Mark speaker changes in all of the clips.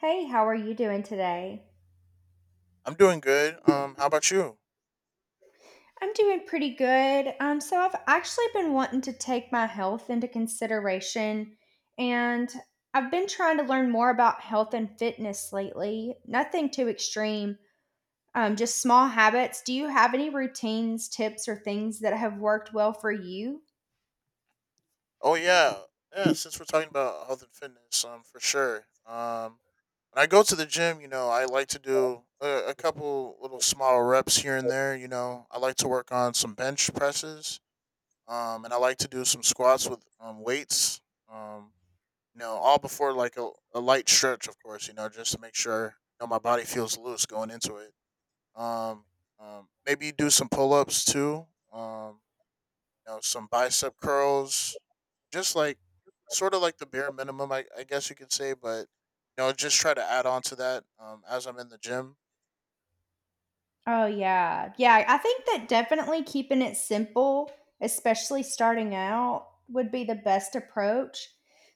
Speaker 1: Hey, how are you doing today?
Speaker 2: I'm doing good. How about you?
Speaker 1: I'm doing pretty good. So I've actually been wanting to take my health into consideration, and I've been trying to learn more about health and fitness lately. Nothing too extreme, just small habits. Do you have any routines, tips, or things that have worked well for you?
Speaker 2: Oh yeah, yeah. Since we're talking about health and fitness, for sure. When I go to the gym, you know, I like to do a couple little small reps here and there. You know, I like to work on some bench presses. And I like to do some squats with weights. Um, you know, all before a light stretch, of course. You know, just to make sure you know my body feels loose going into it. Um, Maybe do some pull ups too. You know, some bicep curls, just like sort of like the bare minimum, I guess you could say, but you know, just try to add on to that as I'm in the gym.
Speaker 1: Oh, yeah. Yeah, I think that definitely keeping it simple, especially starting out, would be the best approach.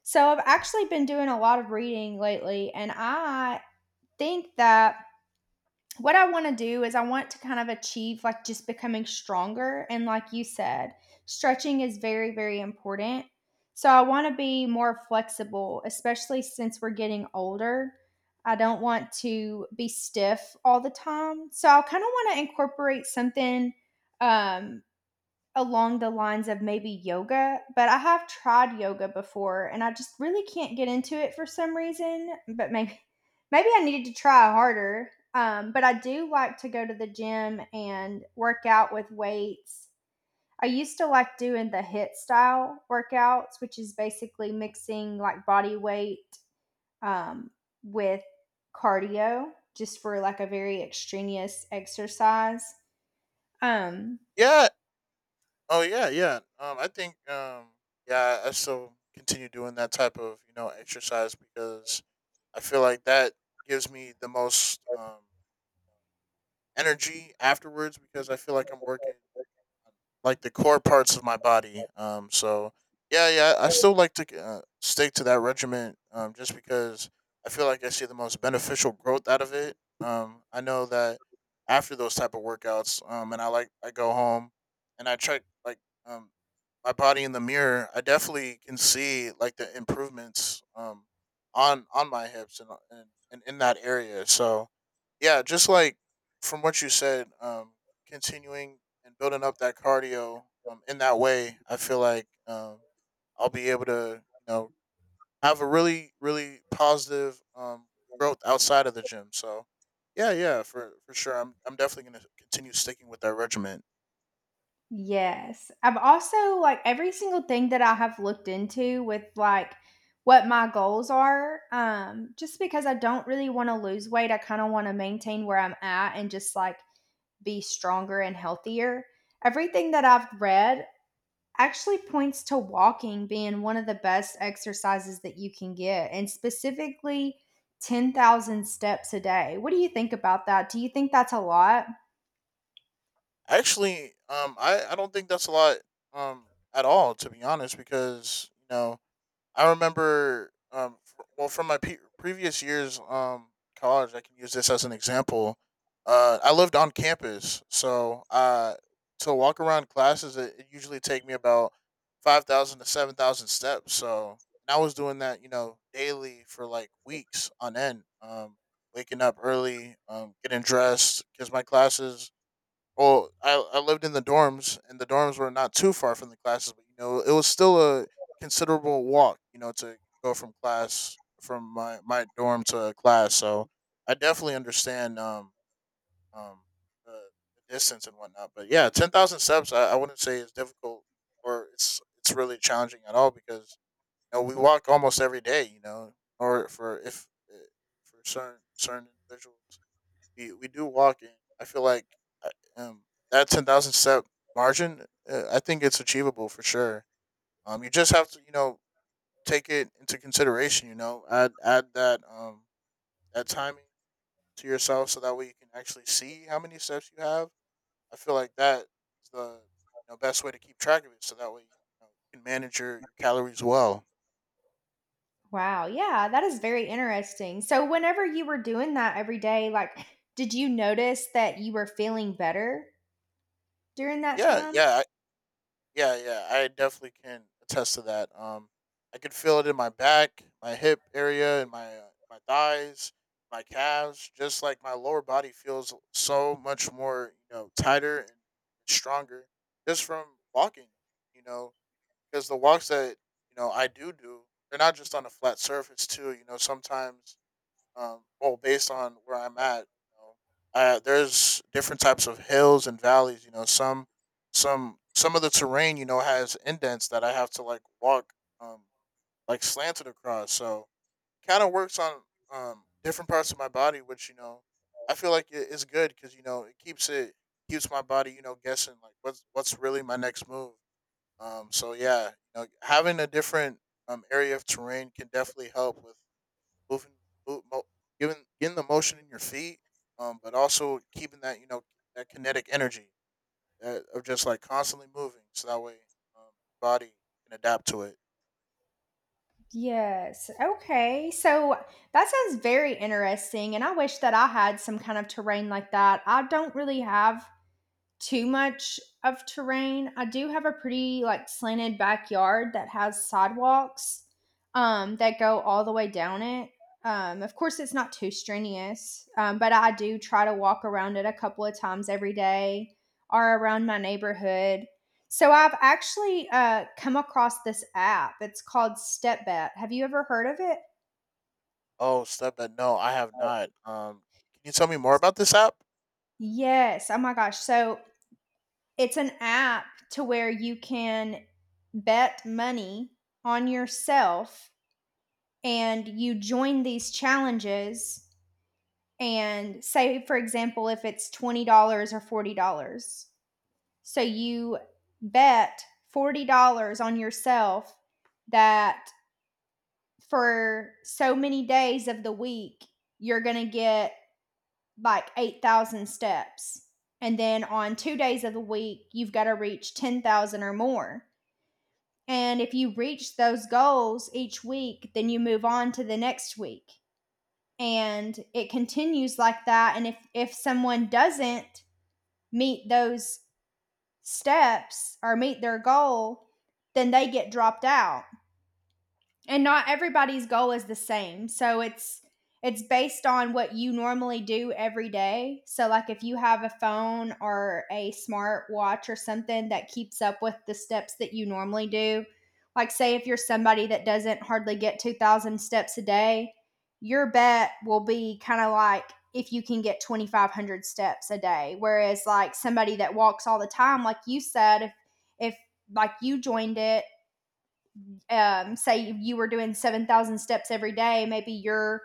Speaker 1: So I've actually been doing a lot of reading lately, and I think that what I want to do is I want to kind of achieve like just becoming stronger. And like you said, stretching is very, very important. So I want to be more flexible, especially since we're getting older. I don't want to be stiff all the time. So I kind of want to incorporate something um, along the lines of maybe yoga, but I have tried yoga before and I just really can't get into it for some reason, but maybe maybe I needed to try harder. But I do like to go to the gym and work out with weights. I used to like doing the HIIT style workouts, which is basically mixing like body weight um, with cardio just for like a very extraneous exercise. Um,
Speaker 2: Yeah. Oh yeah, yeah. I think yeah, I still continue doing that type of you know exercise because I feel like that gives me the most energy afterwards because I feel like I'm working um, like the core parts of my body. So yeah, yeah, I still like to stick to that regimen. Just because I feel like I see the most beneficial growth out of it. I know that after those type of workouts, and I go home and I check um my body in the mirror. I definitely can see like the improvements on my hips and in that area. So yeah, just like from what you said, continuing and building up that cardio in that way, I feel like I'll be able to, you know, have a really, really positive growth outside of the gym. So, yeah, yeah, for sure. I'm definitely going to continue sticking with that regimen.
Speaker 1: Yes. I've also like every single thing that I have looked into with like what my goals are, just because I don't really want to lose weight, I kind of want to maintain where I'm at and just like be stronger and healthier. Everything that I've read actually points to walking being one of the best exercises that you can get, and specifically 10,000 steps a day. What do you think about that? Do you think that's a lot?
Speaker 2: Actually, I don't think that's a lot um, at all, to be honest, because, you know, I remember, well, from my previous years, college, I can use this as an example. I lived on campus, so to walk around classes, it usually take me about 5,000 to 7,000 steps. And I was doing that, you know, daily for like weeks on end. Waking up early, getting dressed because my classes well, I lived in the dorms, and the dorms were not too far from the classes, but you know, it was still a considerable walk, you know, to go from class from my dorm to a class. So I definitely understand um the, the distance and whatnot. But yeah, 10,000 steps, I wouldn't say is difficult or it's really challenging at all because you know, we walk almost every day, you know, or for if eh, for certain individuals we do walk in. I feel like uh, um that 10,000 step margin, I think it's achievable for sure. You just have to you know take it into consideration. You know, add that that timing to yourself so that way you can actually see how many steps you have. I feel like that is the you know, best way to keep track of it, so that way you, know, you can manage your calories well.
Speaker 1: Wow, yeah, that is very interesting. So whenever you were doing that every day, like, did you notice that you were feeling better during that
Speaker 2: Yeah,
Speaker 1: time?
Speaker 2: yeah, Yeah, yeah, I definitely can attest to that. I could feel it in my back, my hip area, and my my thighs, my calves. Just like my lower body feels so much more, you know, tighter and stronger just from walking. You know, because the walks that you know I do do, they're not just on a flat surface too. You know, sometimes well, based on where I'm at, you know, there's different types of hills and valleys. You know, some of the terrain, you know, has indents that I have to like walk, um, like slanted across. So it kind of works on different parts of my body, which you know, I feel like it is good because you know it keeps my body, you know, guessing like what's really my next move. So yeah, you know, having a different area of terrain can definitely help with moving, move, mo- giving, getting the motion in your feet, but also keeping that you know that kinetic energy that, of just like constantly moving, so that way um, body can adapt to it.
Speaker 1: Yes. Okay. So that sounds very interesting. And I wish that I had some kind of terrain like that. I don't really have too much of terrain. I do have a pretty like slanted backyard that has sidewalks that go all the way down it. Of course, it's not too strenuous, but I do try to walk around it a couple of times every day or around my neighborhood. So I've actually come across this app. It's called StepBet. Have you ever heard of it?
Speaker 2: Oh, step that no, I have not. Can you tell me more about this app?
Speaker 1: Yes. Oh my gosh. So it's an app to where you can bet money on yourself and you join these challenges, and say for example if it's $20 or $40. So you bet $40 on yourself that for so many days of the week you're going to get like 8,000 steps, and then on 2 days of the week you've got to reach 10,000 or more. And if you reach those goals each week, then you move on to the next week. And it continues like that. And if someone doesn't meet those steps or meet their goal, then they get dropped out, and not everybody's goal is the same. So it's based on what you normally do every day. So like if you have a phone or a smart watch or something that keeps up with the steps that you normally do, like say if you're somebody that doesn't hardly get 2,000 steps a day, your bet will be kind of like if you can get 2,500 steps a day, whereas like somebody that walks all the time, like you said, if like you joined it, say you were doing 7,000 steps every day, maybe your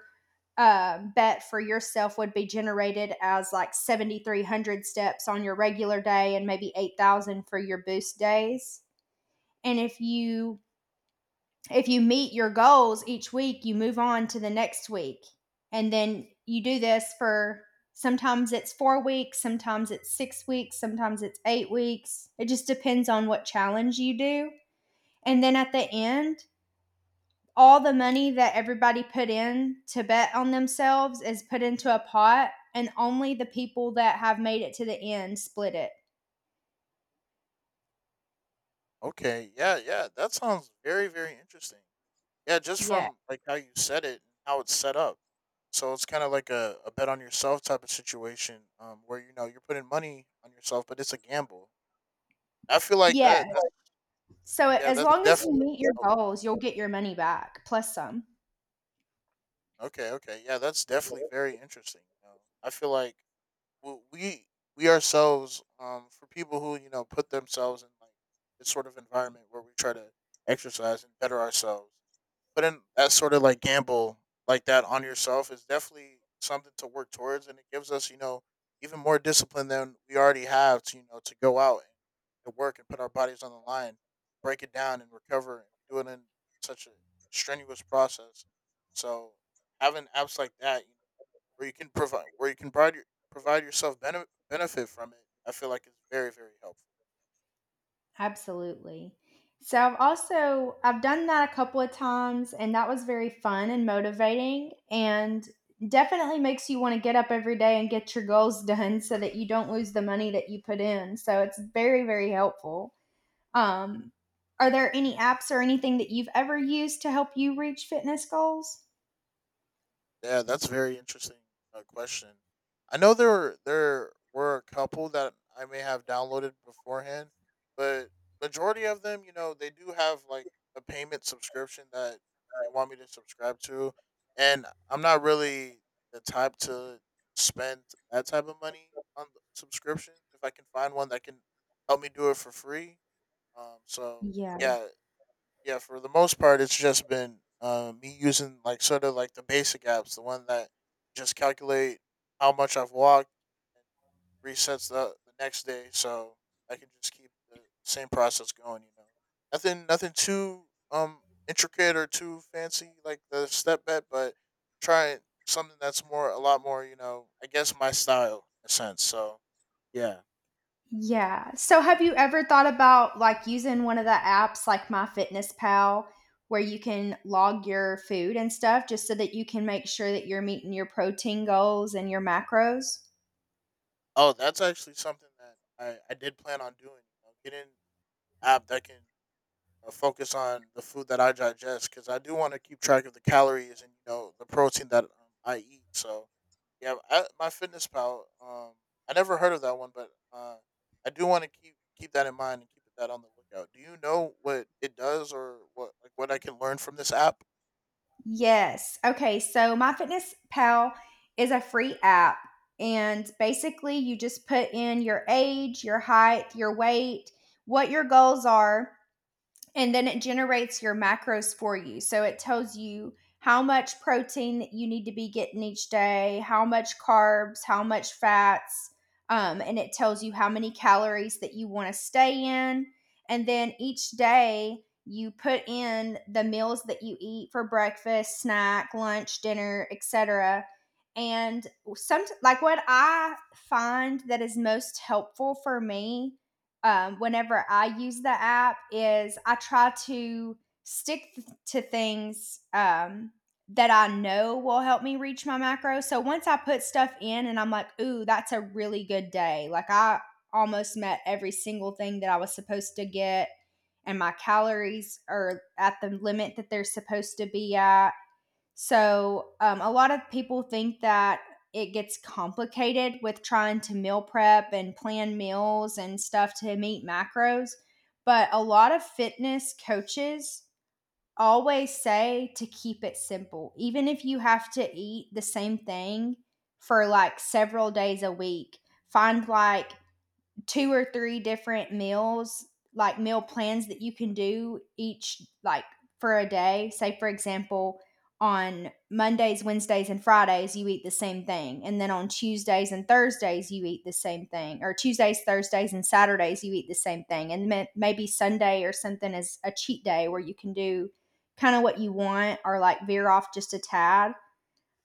Speaker 1: bet for yourself would be generated as like 7,300 steps on your regular day and maybe 8,000 for your boost days. And if you meet your goals each week, you move on to the next week. And then you do this for sometimes it's 4 weeks, sometimes it's 6 weeks, sometimes it's 8 weeks. It just depends on what challenge you do. And then at the end, all the money that everybody put in to bet on themselves is put into a pot, and only the people that have made it to the end split it.
Speaker 2: Okay, yeah, yeah, that sounds very, very interesting. Yeah, just
Speaker 1: Yeah.
Speaker 2: from like how you said it and how it's set up. So it's kind of like a bet on yourself type of situation, where you know you're putting money on yourself, but it's a gamble. I feel like
Speaker 1: Yeah.
Speaker 2: that. That's
Speaker 1: So
Speaker 2: Yeah,
Speaker 1: as
Speaker 2: that's
Speaker 1: long as you
Speaker 2: definitely.
Speaker 1: meet your
Speaker 2: Oh,
Speaker 1: goals, you'll get your money back plus some.
Speaker 2: okay, okay. Yeah, that's definitely very interesting. You know, I feel like w- we we ourselves, for people who you know put themselves in like this sort of environment where we try to exercise and better ourselves, putting that sort of like gamble like that on yourself is definitely something to work towards, and it gives us you know even more discipline than we already have to you know to go out and to work and put our bodies on the line, break it down and recover and do it in such a strenuous process, so having apps like that you know, where you can provide, provide yourself benefit from it. I feel like it's very, very helpful.
Speaker 1: Absolutely. So I've done that a couple of times and that was very fun and motivating, and definitely makes you want to get up every day and get your goals done so that you don't lose the money that you put in. So it's very, very helpful. Um, are there any apps or anything that you've ever used to help you reach fitness goals?
Speaker 2: Yeah, that's a very interesting question. I know there were a couple that I may have downloaded beforehand, but majority of them, you know, they do have like a payment subscription that they want me to subscribe to, and I'm not really the type to spend that type of money on the subscription. If I can find one that can help me do it for free, so
Speaker 1: Yeah.
Speaker 2: yeah, yeah, for the most part, it's just been me using like sort of like the basic apps, the one that just calculate how much I've walked and resets the next day, so I can just keep the same process going. You know, nothing too um intricate or too fancy like the step bet, but try something that's more a lot more you know I guess my style in a sense. So yeah.
Speaker 1: Yeah. So have you ever thought about like using one of the apps like MyFitnessPal where you can log your food and stuff just so that you can make sure that you're meeting your protein goals and your macros?
Speaker 2: Oh, that's actually something that I did plan on doing. You know, getting an app that can focus on the food that I digest because I do want to keep track of the calories and you know the protein that I eat. So yeah, I, my Fitness Pal. I never heard of that one, but I do want to keep that in mind and keep that on the lookout. Do you know what it does or what like what I can learn from this app?
Speaker 1: Yes. Okay. So MyFitnessPal is a free app. And basically, you just put in your age, your height, your weight, what your goals are, and then it generates your macros for you. So it tells you how much protein that you need to be getting each day, how much carbs, how much fats, and it tells you how many calories that you want to stay in. And then each day you put in the meals that you eat for breakfast, snack, lunch, dinner, etc. And some, like what I find that is most helpful for me whenever I use the app is I try to stick to things that I know will help me reach my macro. So once I put stuff in and I'm like, ooh, that's a really good day. Like I almost met every single thing that I was supposed to get, and my calories are at the limit that they're supposed to be at. So, a lot of people think that it gets complicated with trying to meal prep and plan meals and stuff to meet macros. But a lot of fitness coaches always say to keep it simple. Even if you have to eat the same thing for like several days a week, find like two or three different meals, like meal plans that you can do each, like for a day. Say, for example, on Mondays, Wednesdays, and Fridays, you eat the same thing. And then on Tuesdays and Thursdays, you eat the same thing. Or Tuesdays, Thursdays, and Saturdays, you eat the same thing. And maybe Sunday or something is a cheat day where you can do kind of what you want or like veer off just a tad,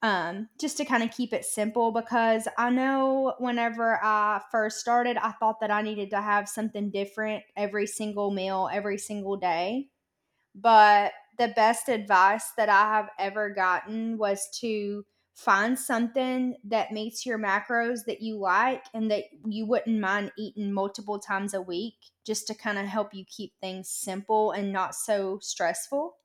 Speaker 1: just to kind of keep it simple, because I know whenever I first started, I thought that I needed to have something different every single meal, every single day. But the best advice that I have ever gotten was to find something that meets your macros that you like and that you wouldn't mind eating multiple times a week, just to kind of help you keep things simple and not so stressful.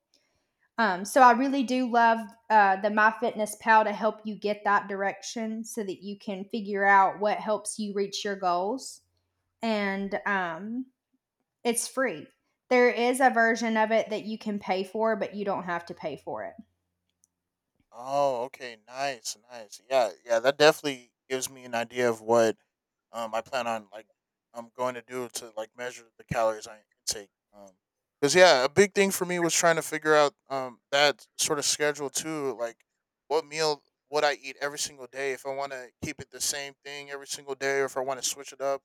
Speaker 1: So I really do love the MyFitnessPal to help you get that direction so that you can figure out what helps you reach your goals. And it's free. There is a version of it that you can pay for, but you don't have to pay for it.
Speaker 2: Oh, okay, nice, nice. Yeah, yeah, that definitely gives me an idea of what I plan on like I'm going to do to like measure the calories I intake. Because yeah, a big thing for me was trying to figure out that sort of schedule too, like what meal what I eat every single day. If I want to keep it the same thing every single day, or if I want to switch it up,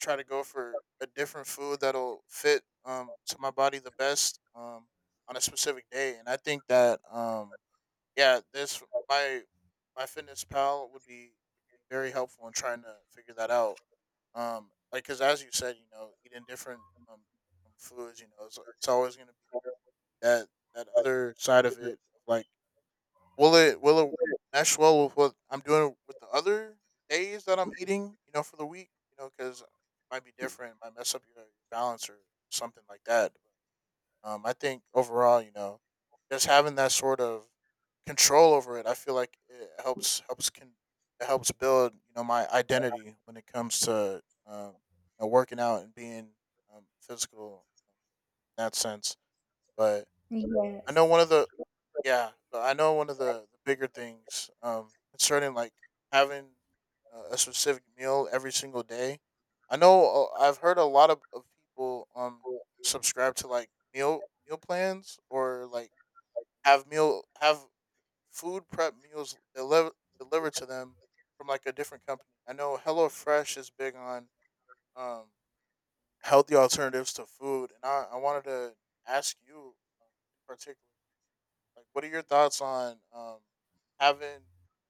Speaker 2: try to go for a different food that'll fit to my body the best on a specific day. And I think that yeah, this my my fitness pal would be very helpful in trying to figure that out. Like because as you said, you know, eating different um, foods, you know, it's always going to be that that other side of it.
Speaker 1: Right.
Speaker 2: Of like, will it mesh well with what I'm doing with the other days that I'm eating? You know, for the week, you know, because might be different, might mess up your balance or something like that. I think overall, you know, just having that sort of control over it, I feel like it helps build you know my identity when it comes to you know, working out and being physical in that sense. But I know
Speaker 1: Yes.
Speaker 2: one of the yeah, but I know one of the bigger things concerning like having a specific meal every single day. I know I've heard a lot of people subscribe to like meal plans or like have meal have food prep meals delivered to them from like a different company. I know HelloFresh is big on um healthy alternatives to food, and I wanted to ask you in particular. Like, what are your thoughts on having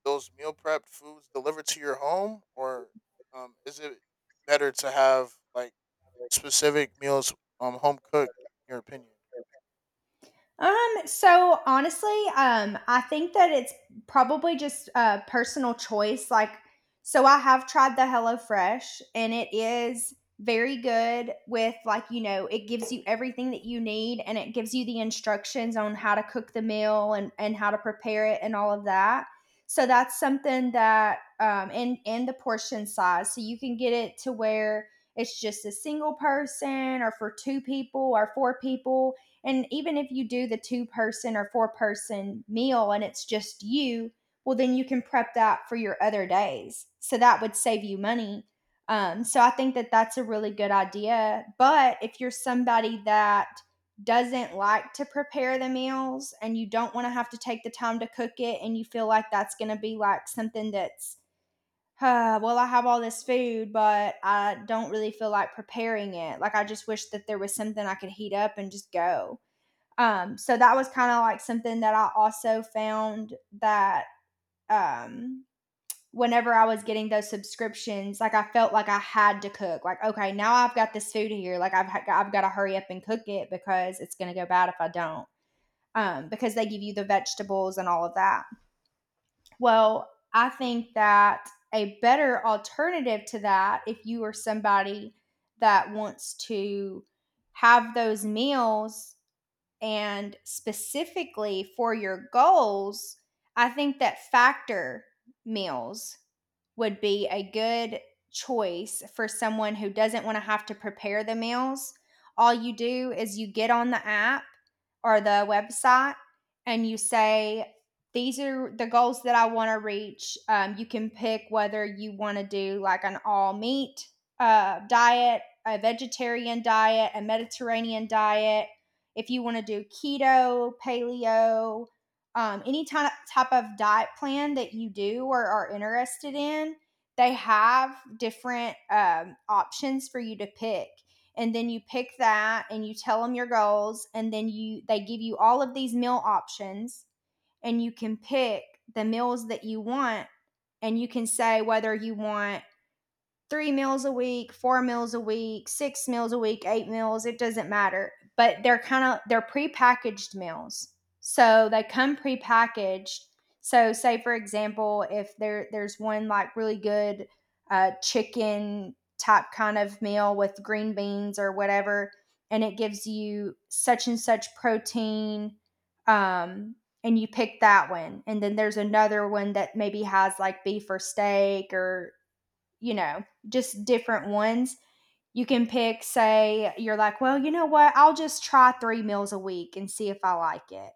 Speaker 2: those meal prepped foods delivered to your home, or is it better to have like specific meals home cooked? In your opinion?
Speaker 1: So honestly, I think that it's probably just a personal choice. Like, so I have tried the HelloFresh and it is very good with like, you know, it gives you everything that you need and it gives you the instructions on how to cook the meal, and how to prepare it and all of that. So that's something that, um, and the portion size. So you can get it to where it's just a single person or for two people or four people, and even if you do the two person or four-person meal and it's just you, well, then you can prep that for your other days. So that would save you money. So I think that that's a really good idea. But if you're somebody that doesn't like to prepare the meals and you don't want to have to take the time to cook it and you feel like that's going to be like something that's, well, I have all this food, but I don't really feel like preparing it. Like, I just wish that there was something I could heat up and just go. So that was kind of like something that I also found that, um, whenever I was getting those subscriptions, like I felt like I had to cook. Like, okay, now I've got this food here. I've got to hurry up and cook it because it's going to go bad if I don't. Because they give you the vegetables and all of that. Well, I think that a better alternative to that, if you are somebody that wants to have those meals and specifically for your goals, I think that Factor meals would be a good choice for someone who doesn't wanna have to prepare the meals. All you do is you get on the app or the website and you say, "These are the goals that I wanna reach." You can pick whether you wanna do like an all meat, diet, a vegetarian diet, a Mediterranean diet, if you wanna do keto, paleo, any type of diet plan that you do or are interested in, they have different options for you to pick. And then you pick that and you tell them your goals, and then you they give you all of these meal options, and you can pick the meals that you want, and you can say whether you want three meals a week, four meals a week, six meals a week, eight meals, it doesn't matter. But they're kind of they're prepackaged meals. So they come prepackaged. So say for example, if there's one like really good chicken type kind of meal with green beans or whatever, and it gives you such and such protein, um, and you pick that one. And then there's another one that maybe has like beef or steak or just different ones. You can pick, say, you're like, well, you know what? I'll just try three meals a week and see if I like it.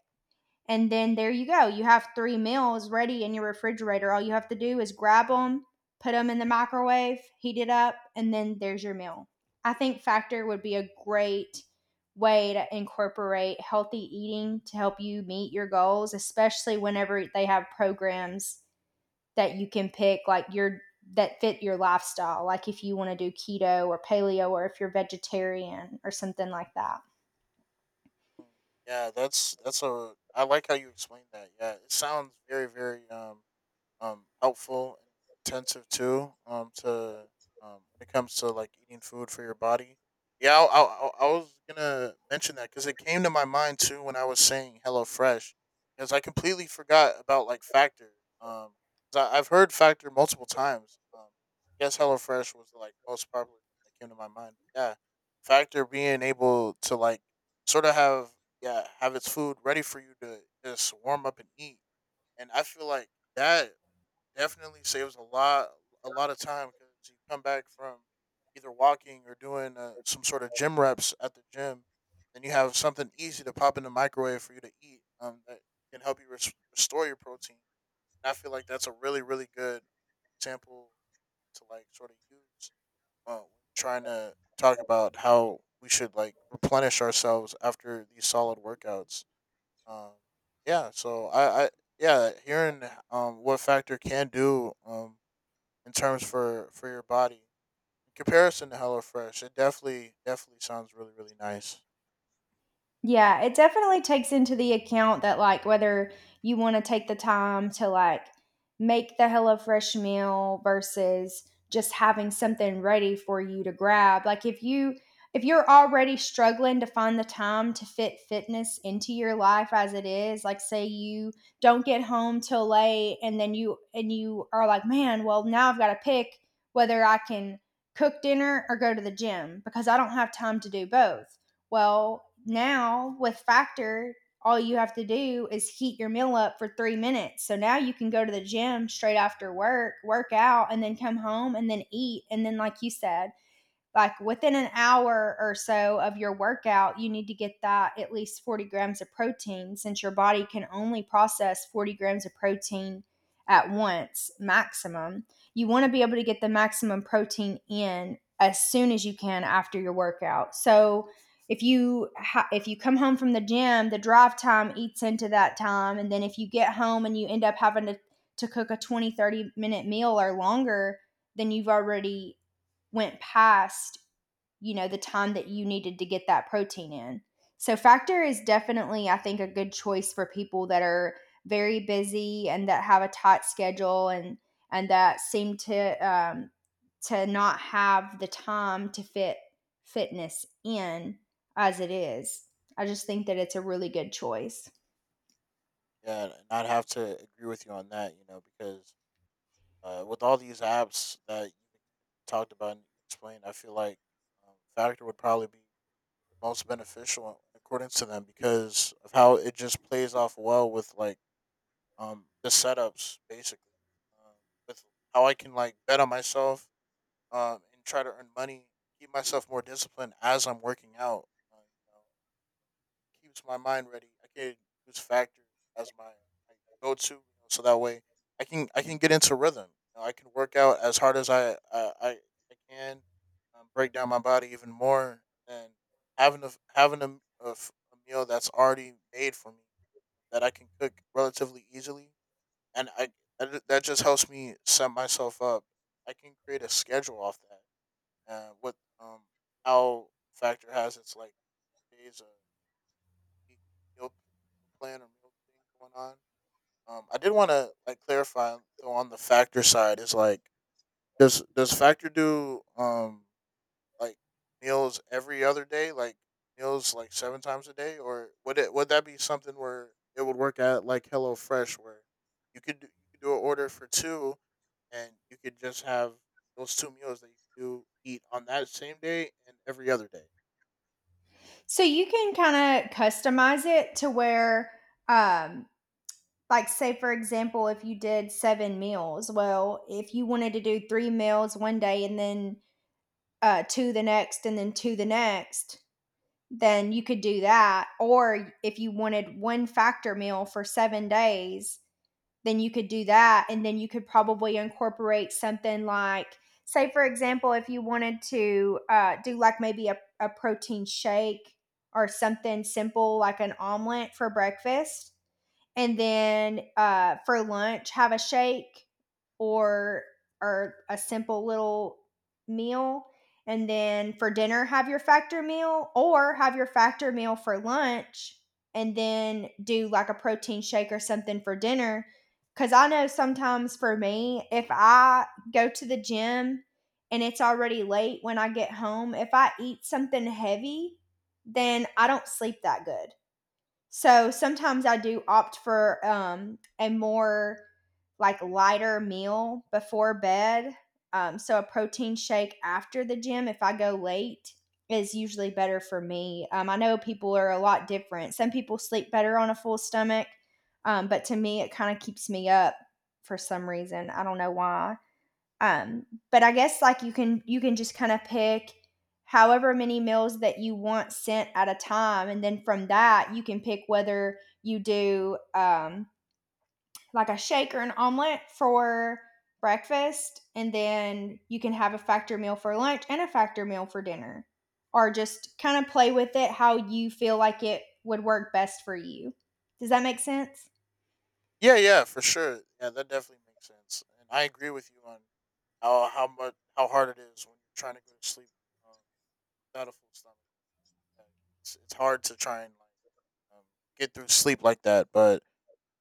Speaker 1: And then there you go. You have three meals ready in your refrigerator. All you have to do is grab them, put them in the microwave, heat it up, and then there's your meal. I think Factor would be a great way to incorporate healthy eating to help you meet your goals, especially whenever they have programs that you can pick like your that fit your lifestyle, like if you want to do keto or paleo or if you're vegetarian or something like that.
Speaker 2: Mm, yeah, that's a. I like how you explained that. Yeah, it sounds very very helpful and intensive too. To when it comes to like eating food for your body. Yeah, I was gonna mention that because it came to my mind too when I was saying HelloFresh because I completely forgot about like Factor. Um, 'Cause I've heard Factor multiple times. I guess HelloFresh was like most popular thing that came to my mind. But yeah, Factor being able to like sort of have yeah have its food ready for you to just warm up and eat, and I feel like that definitely saves a lot of time because you come back from either walking or doing some sort of gym reps at the gym, and you have something easy to pop in the microwave for you to eat that can help you restore your protein. And I feel like that's a really good sample to like sort of use when trying to talk about how we should like replenish ourselves after these solid workouts. Um, yeah, so I yeah, hearing what Factor can do in terms for your body. In comparison to HelloFresh, it definitely sounds really nice.
Speaker 1: Yeah, it definitely takes into the account that, like, whether you wanna take the time to, like, make the HelloFresh meal versus just having something ready for you to grab. Like, if you're already struggling to find the time to fit fitness into your life as it is, like, say you don't get home till late and then you are like, "Man, well, now I've gotta pick whether I can cook dinner or go to the gym because I don't have time to do both." Well, now with Factor, all you have to do is heat your meal up for 3 minutes. So now you can go to the gym straight after work, work out, and then come home and then eat. And then, like you said, like within an hour or so of your workout, you need to get that at least 40 grams of protein since your body can only process 40 grams of protein at once, maximum. You want to be able to get the maximum protein in as soon as you can after your workout. So, if you come home from the gym, the drive time eats into that time, and then if you get home and you end up having to cook a 20-30 minute meal or longer, then you've already went past the time that you needed to get that protein in. So Factor is definitely, I think, a good choice for people that are very busy and that have a tight schedule, and that seem to not have the time to fit fitness in as it is. I just think that it's a really good choice.
Speaker 2: Yeah, and I'd have to agree with you on that. You know, because with all these apps that you talked about and explained, I feel like Factor would probably be the most beneficial according to them because of how it just plays off well with like the setups basically, um, with how I can like bet on myself, and try to earn money, keep myself more disciplined as I'm working out. You know, keeps my mind ready. I can use Factor as my go to, you know, so that way I can get into rhythm. You know, I can work out as hard as I can, break down my body even more, and having a meal that's already made for me that I can cook relatively easily, and I that that just helps me set myself up. I can create a schedule off that and what how Factor has its like days of meal meal plan or meal thing going on. I did want to like clarify though on the Factor side is like does Factor do like meals every other day, like meals like seven times a day? Or would it, would that be something where it would work at like Hello Fresh where you could do an order for two, and you could just have those two meals that you do eat on that same day and every other day.
Speaker 1: So you can kind of customize it to where, um, like say for example, if you did seven meals, well, if you wanted to do three meals one day and then two the next and then two the next, then you could do that. Or if you wanted one Factor meal for 7 days, then you could do that, and then you could probably incorporate something like, say for example, if you wanted to do like maybe a protein shake or something simple like an omelet for breakfast, and then for lunch have a shake, or or a simple little meal, and then for dinner have your Factor meal, or have your Factor meal for lunch and then do like a protein shake or something for dinner. 'Cuz I know sometimes for me if I go to the gym and it's already late when I get home, if I eat something heavy, then I don't sleep that good. So sometimes I do opt for a more like lighter meal before bed. So a protein shake after the gym if I go late is usually better for me. I know people are a lot different. Some people sleep better on a full stomach, but to me, it kind of keeps me up for some reason. I don't know why, um but I guess, like, you can just kind of pick however many meals that you want sent at a time, and then from that you can pick whether you do like a shake or an omelet for breakfast, and then you can have a Factor meal for lunch and a Factor meal for dinner, or just kind of play with it how you feel like it would work best for you. Does that make sense?
Speaker 2: Yeah, yeah, for sure. Yeah, that definitely makes sense, and I agree with you on how hard it is when you're trying to go to sleep, um, without a full stomach. Like, it's hard to try and like get through sleep like that, but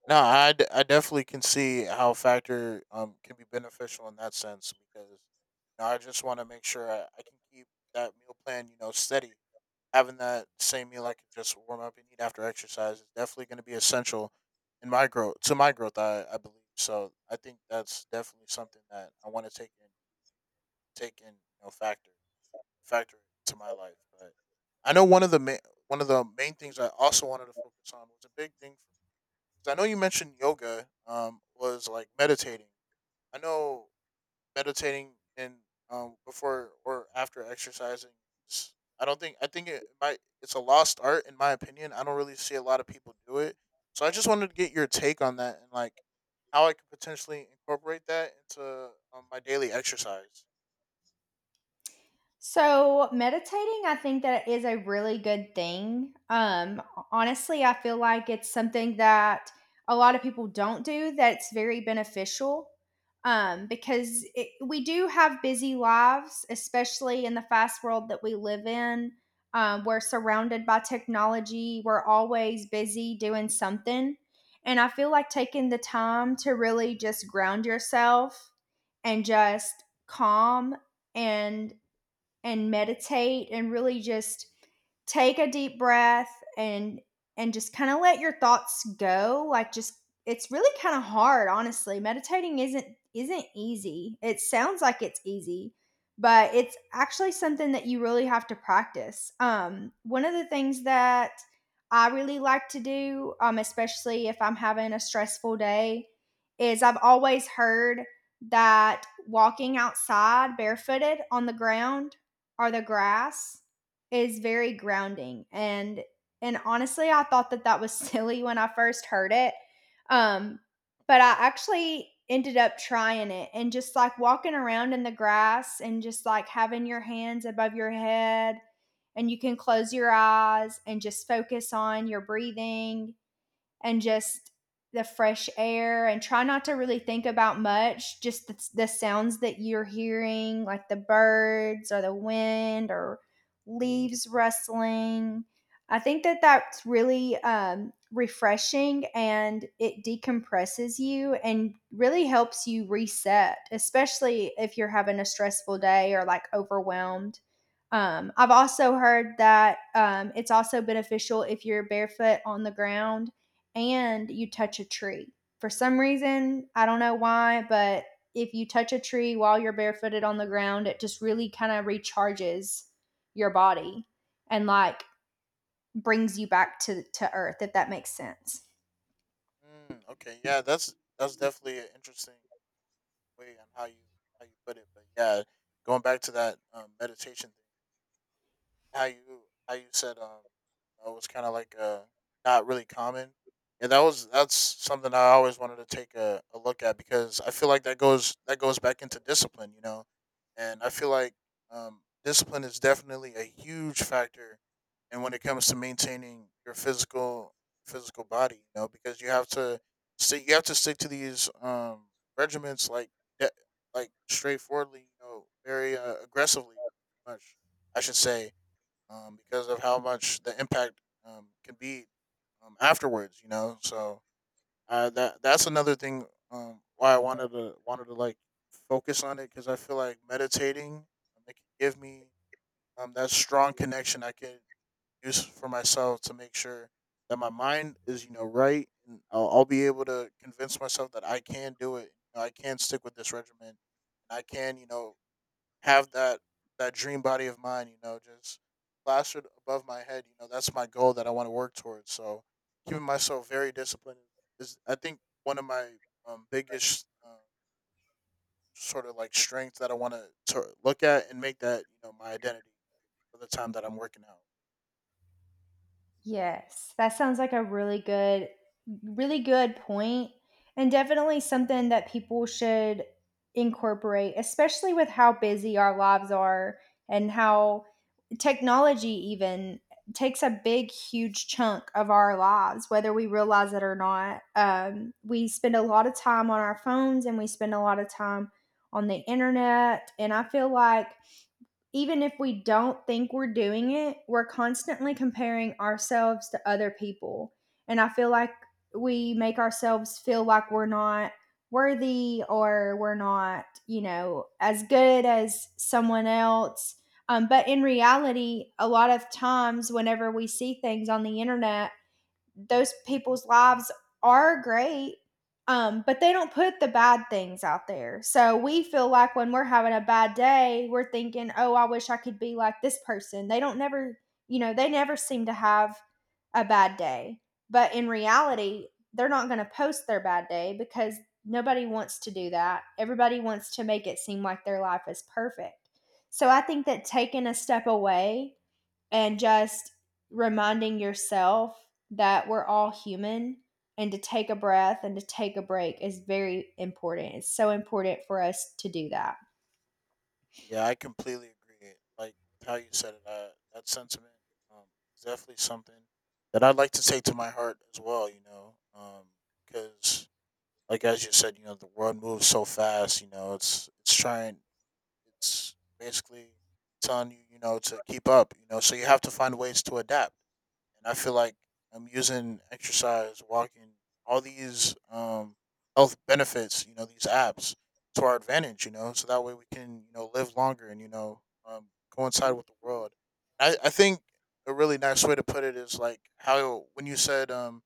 Speaker 2: no, I definitely can see how factor can be beneficial in that sense because you know, I just want to make sure I can keep that meal plan you know steady, having that same meal I can just warm up and eat after exercise is definitely going to be essential in my growth to my growth. I believe so. I think that's definitely something that I want to take in you know factor to my life. But I know one of the main things I also wanted to focus on was a big thing for, 'cause I know you mentioned yoga was like meditating. I know meditating and before or after exercising is- I don't think I think it might, it's a lost art in my opinion. I don't really see a lot of people do it. So I just wanted to get your take on that and like how I could potentially incorporate that into my daily exercise.
Speaker 1: So, meditating, I think that is a really good thing. Honestly, I feel like it's something that a lot of people don't do that's very beneficial. Because we do have busy lives, especially in the fast world that we live in. We're surrounded by technology, we're always busy doing something. And I feel like taking the time to really just ground yourself and just calm and and meditate and really just take a deep breath and and just kind of let your thoughts go, like, just, it's really kind of hard. Honestly, meditating isn't easy. It sounds like it's easy, but it's actually something that you really have to practice. One of the things that I really like to do, especially if I'm having a stressful day, is, I've always heard that walking outside barefooted on the ground are the grass is very grounding, and honestly I thought that that was silly when I first heard it. um but I actually ended up trying it, and just like walking around in the grass and just like having your hands above your head, and you can close your eyes and just focus on your breathing and just the fresh air and try not to really think about much, just the sounds that you're hearing, like the birds or the wind or leaves rustling. I think that that's really refreshing, and it decompresses you and really helps you reset, especially if you're having a stressful day or like overwhelmed. I've also heard that, it's also beneficial if you're barefoot on the ground and you touch a tree. For some reason, I don't know why, but if you touch a tree while you're barefooted on the ground, it just really kind of recharges your body and, like, brings you back to earth, if that makes sense.
Speaker 2: Mm, okay, yeah, that's definitely an interesting way on how you put it. But yeah, going back to that meditation thing. how you how you said it was kind of like not really common, and that's something I always wanted to take a look at because I feel like that goes back into discipline, you know, and I feel like discipline is definitely a huge factor. And when it comes to maintaining your physical body, you know, because you have to stick you have to stick to these regiments like, de- like straightforwardly, you know, very aggressively much I should say, because of how much the impact can be, afterwards. You know, so that that's another thing, why I wanted to like focus on it, because I feel like meditating, it can give me, that strong connection I can use for myself to make sure that my mind is you know right, and I'll be able to convince myself that I can do it. You know, I can stick with this regimen, and I can you know have that that dream body of mine, you know, just plastered above my head. You know, that's my goal that I want to work towards. So keeping myself very disciplined is, I think, one of my biggest, sort of like strengths that I want to look at and make that you know my identity for the time that I'm working out.
Speaker 1: Yes, that sounds like a really good point, and definitely something that people should incorporate, especially with how busy our lives are and how technology even takes a big, huge chunk of our lives, whether we realize it or not. We spend a lot of time on our phones and we spend a lot of time on the internet, and I feel like even if we don't think we're doing it, we're constantly comparing ourselves to other people. And I feel like we make ourselves feel like we're not worthy or we're not, as good as someone else. But in reality, a lot of times, whenever we see things on the internet, those people's lives are great, but they don't put the bad things out there. So we feel like when we're having a bad day, we're thinking, oh, I wish I could be like this person. They don't never, they never seem to have a bad day. But in reality, they're not going to post their bad day because nobody wants to do that. Everybody wants to make it seem like their life is perfect. So I think that taking a step away and just reminding yourself that we're all human and to take a breath and to take a break is very important. It's so important for us to do that.
Speaker 2: Yeah, I completely agree. Like with how you said it, that sentiment, um, is definitely something that I'd like to take to my heart as well. You know, because like as you said, you know, the world moves so fast. You know, it's trying, it's basically telling you, you know, to keep up, you know, so you have to find ways to adapt. And I feel like I'm using exercise, walking, all these health benefits, you know, these apps to our advantage, you know, so that way we can, you know, live longer and, you know, coincide with the world. I think a really nice way to put it is like how when you said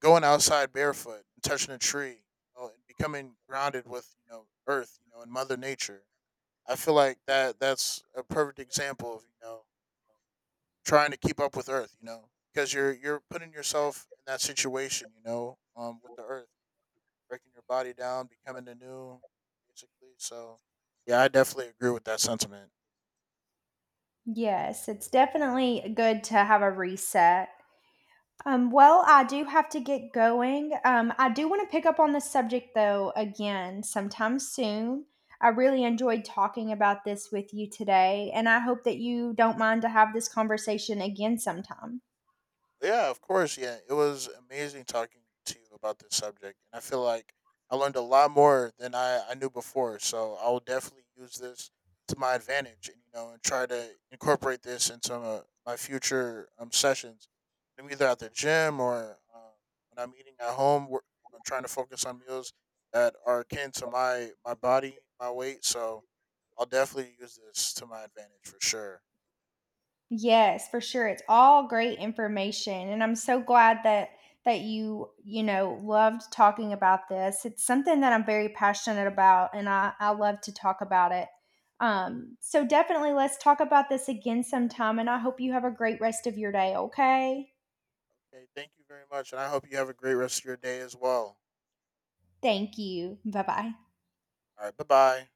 Speaker 2: going outside barefoot and touching a tree, you know, and becoming grounded with, you know, earth, you know, and mother nature. I feel like that's a perfect example of you know trying to keep up with Earth. You know, because you're putting yourself in that situation. You know, with the Earth breaking your body down, becoming the new, basically. So yeah, I definitely agree with that sentiment.
Speaker 1: Yes, it's definitely good to have a reset. Well, I do have to get going. I do want to pick up on this subject though again sometime soon. I really enjoyed talking about this with you today, and I hope that you don't mind to have this conversation again sometime.
Speaker 2: Yeah, of course. Yeah, it was amazing talking to you about this subject, and I feel like I learned a lot more than I knew before. So I will definitely use this to my advantage, and you know, and try to incorporate this into my future sessions. I'm either at the gym or when I'm eating at home. I'm trying to focus on meals that are akin to my body, my weight. So I'll definitely use this to my advantage for sure.
Speaker 1: Yes, for sure. It's all great information, and I'm so glad that you loved talking about this. It's something that I'm very passionate about, and I love to talk about it. So definitely let's talk about this again sometime, and I hope you have a great rest of your day, okay?
Speaker 2: Okay, thank you very much, and I hope you have a great rest of your day as well.
Speaker 1: Thank you. Bye-bye.
Speaker 2: All right. Bye bye.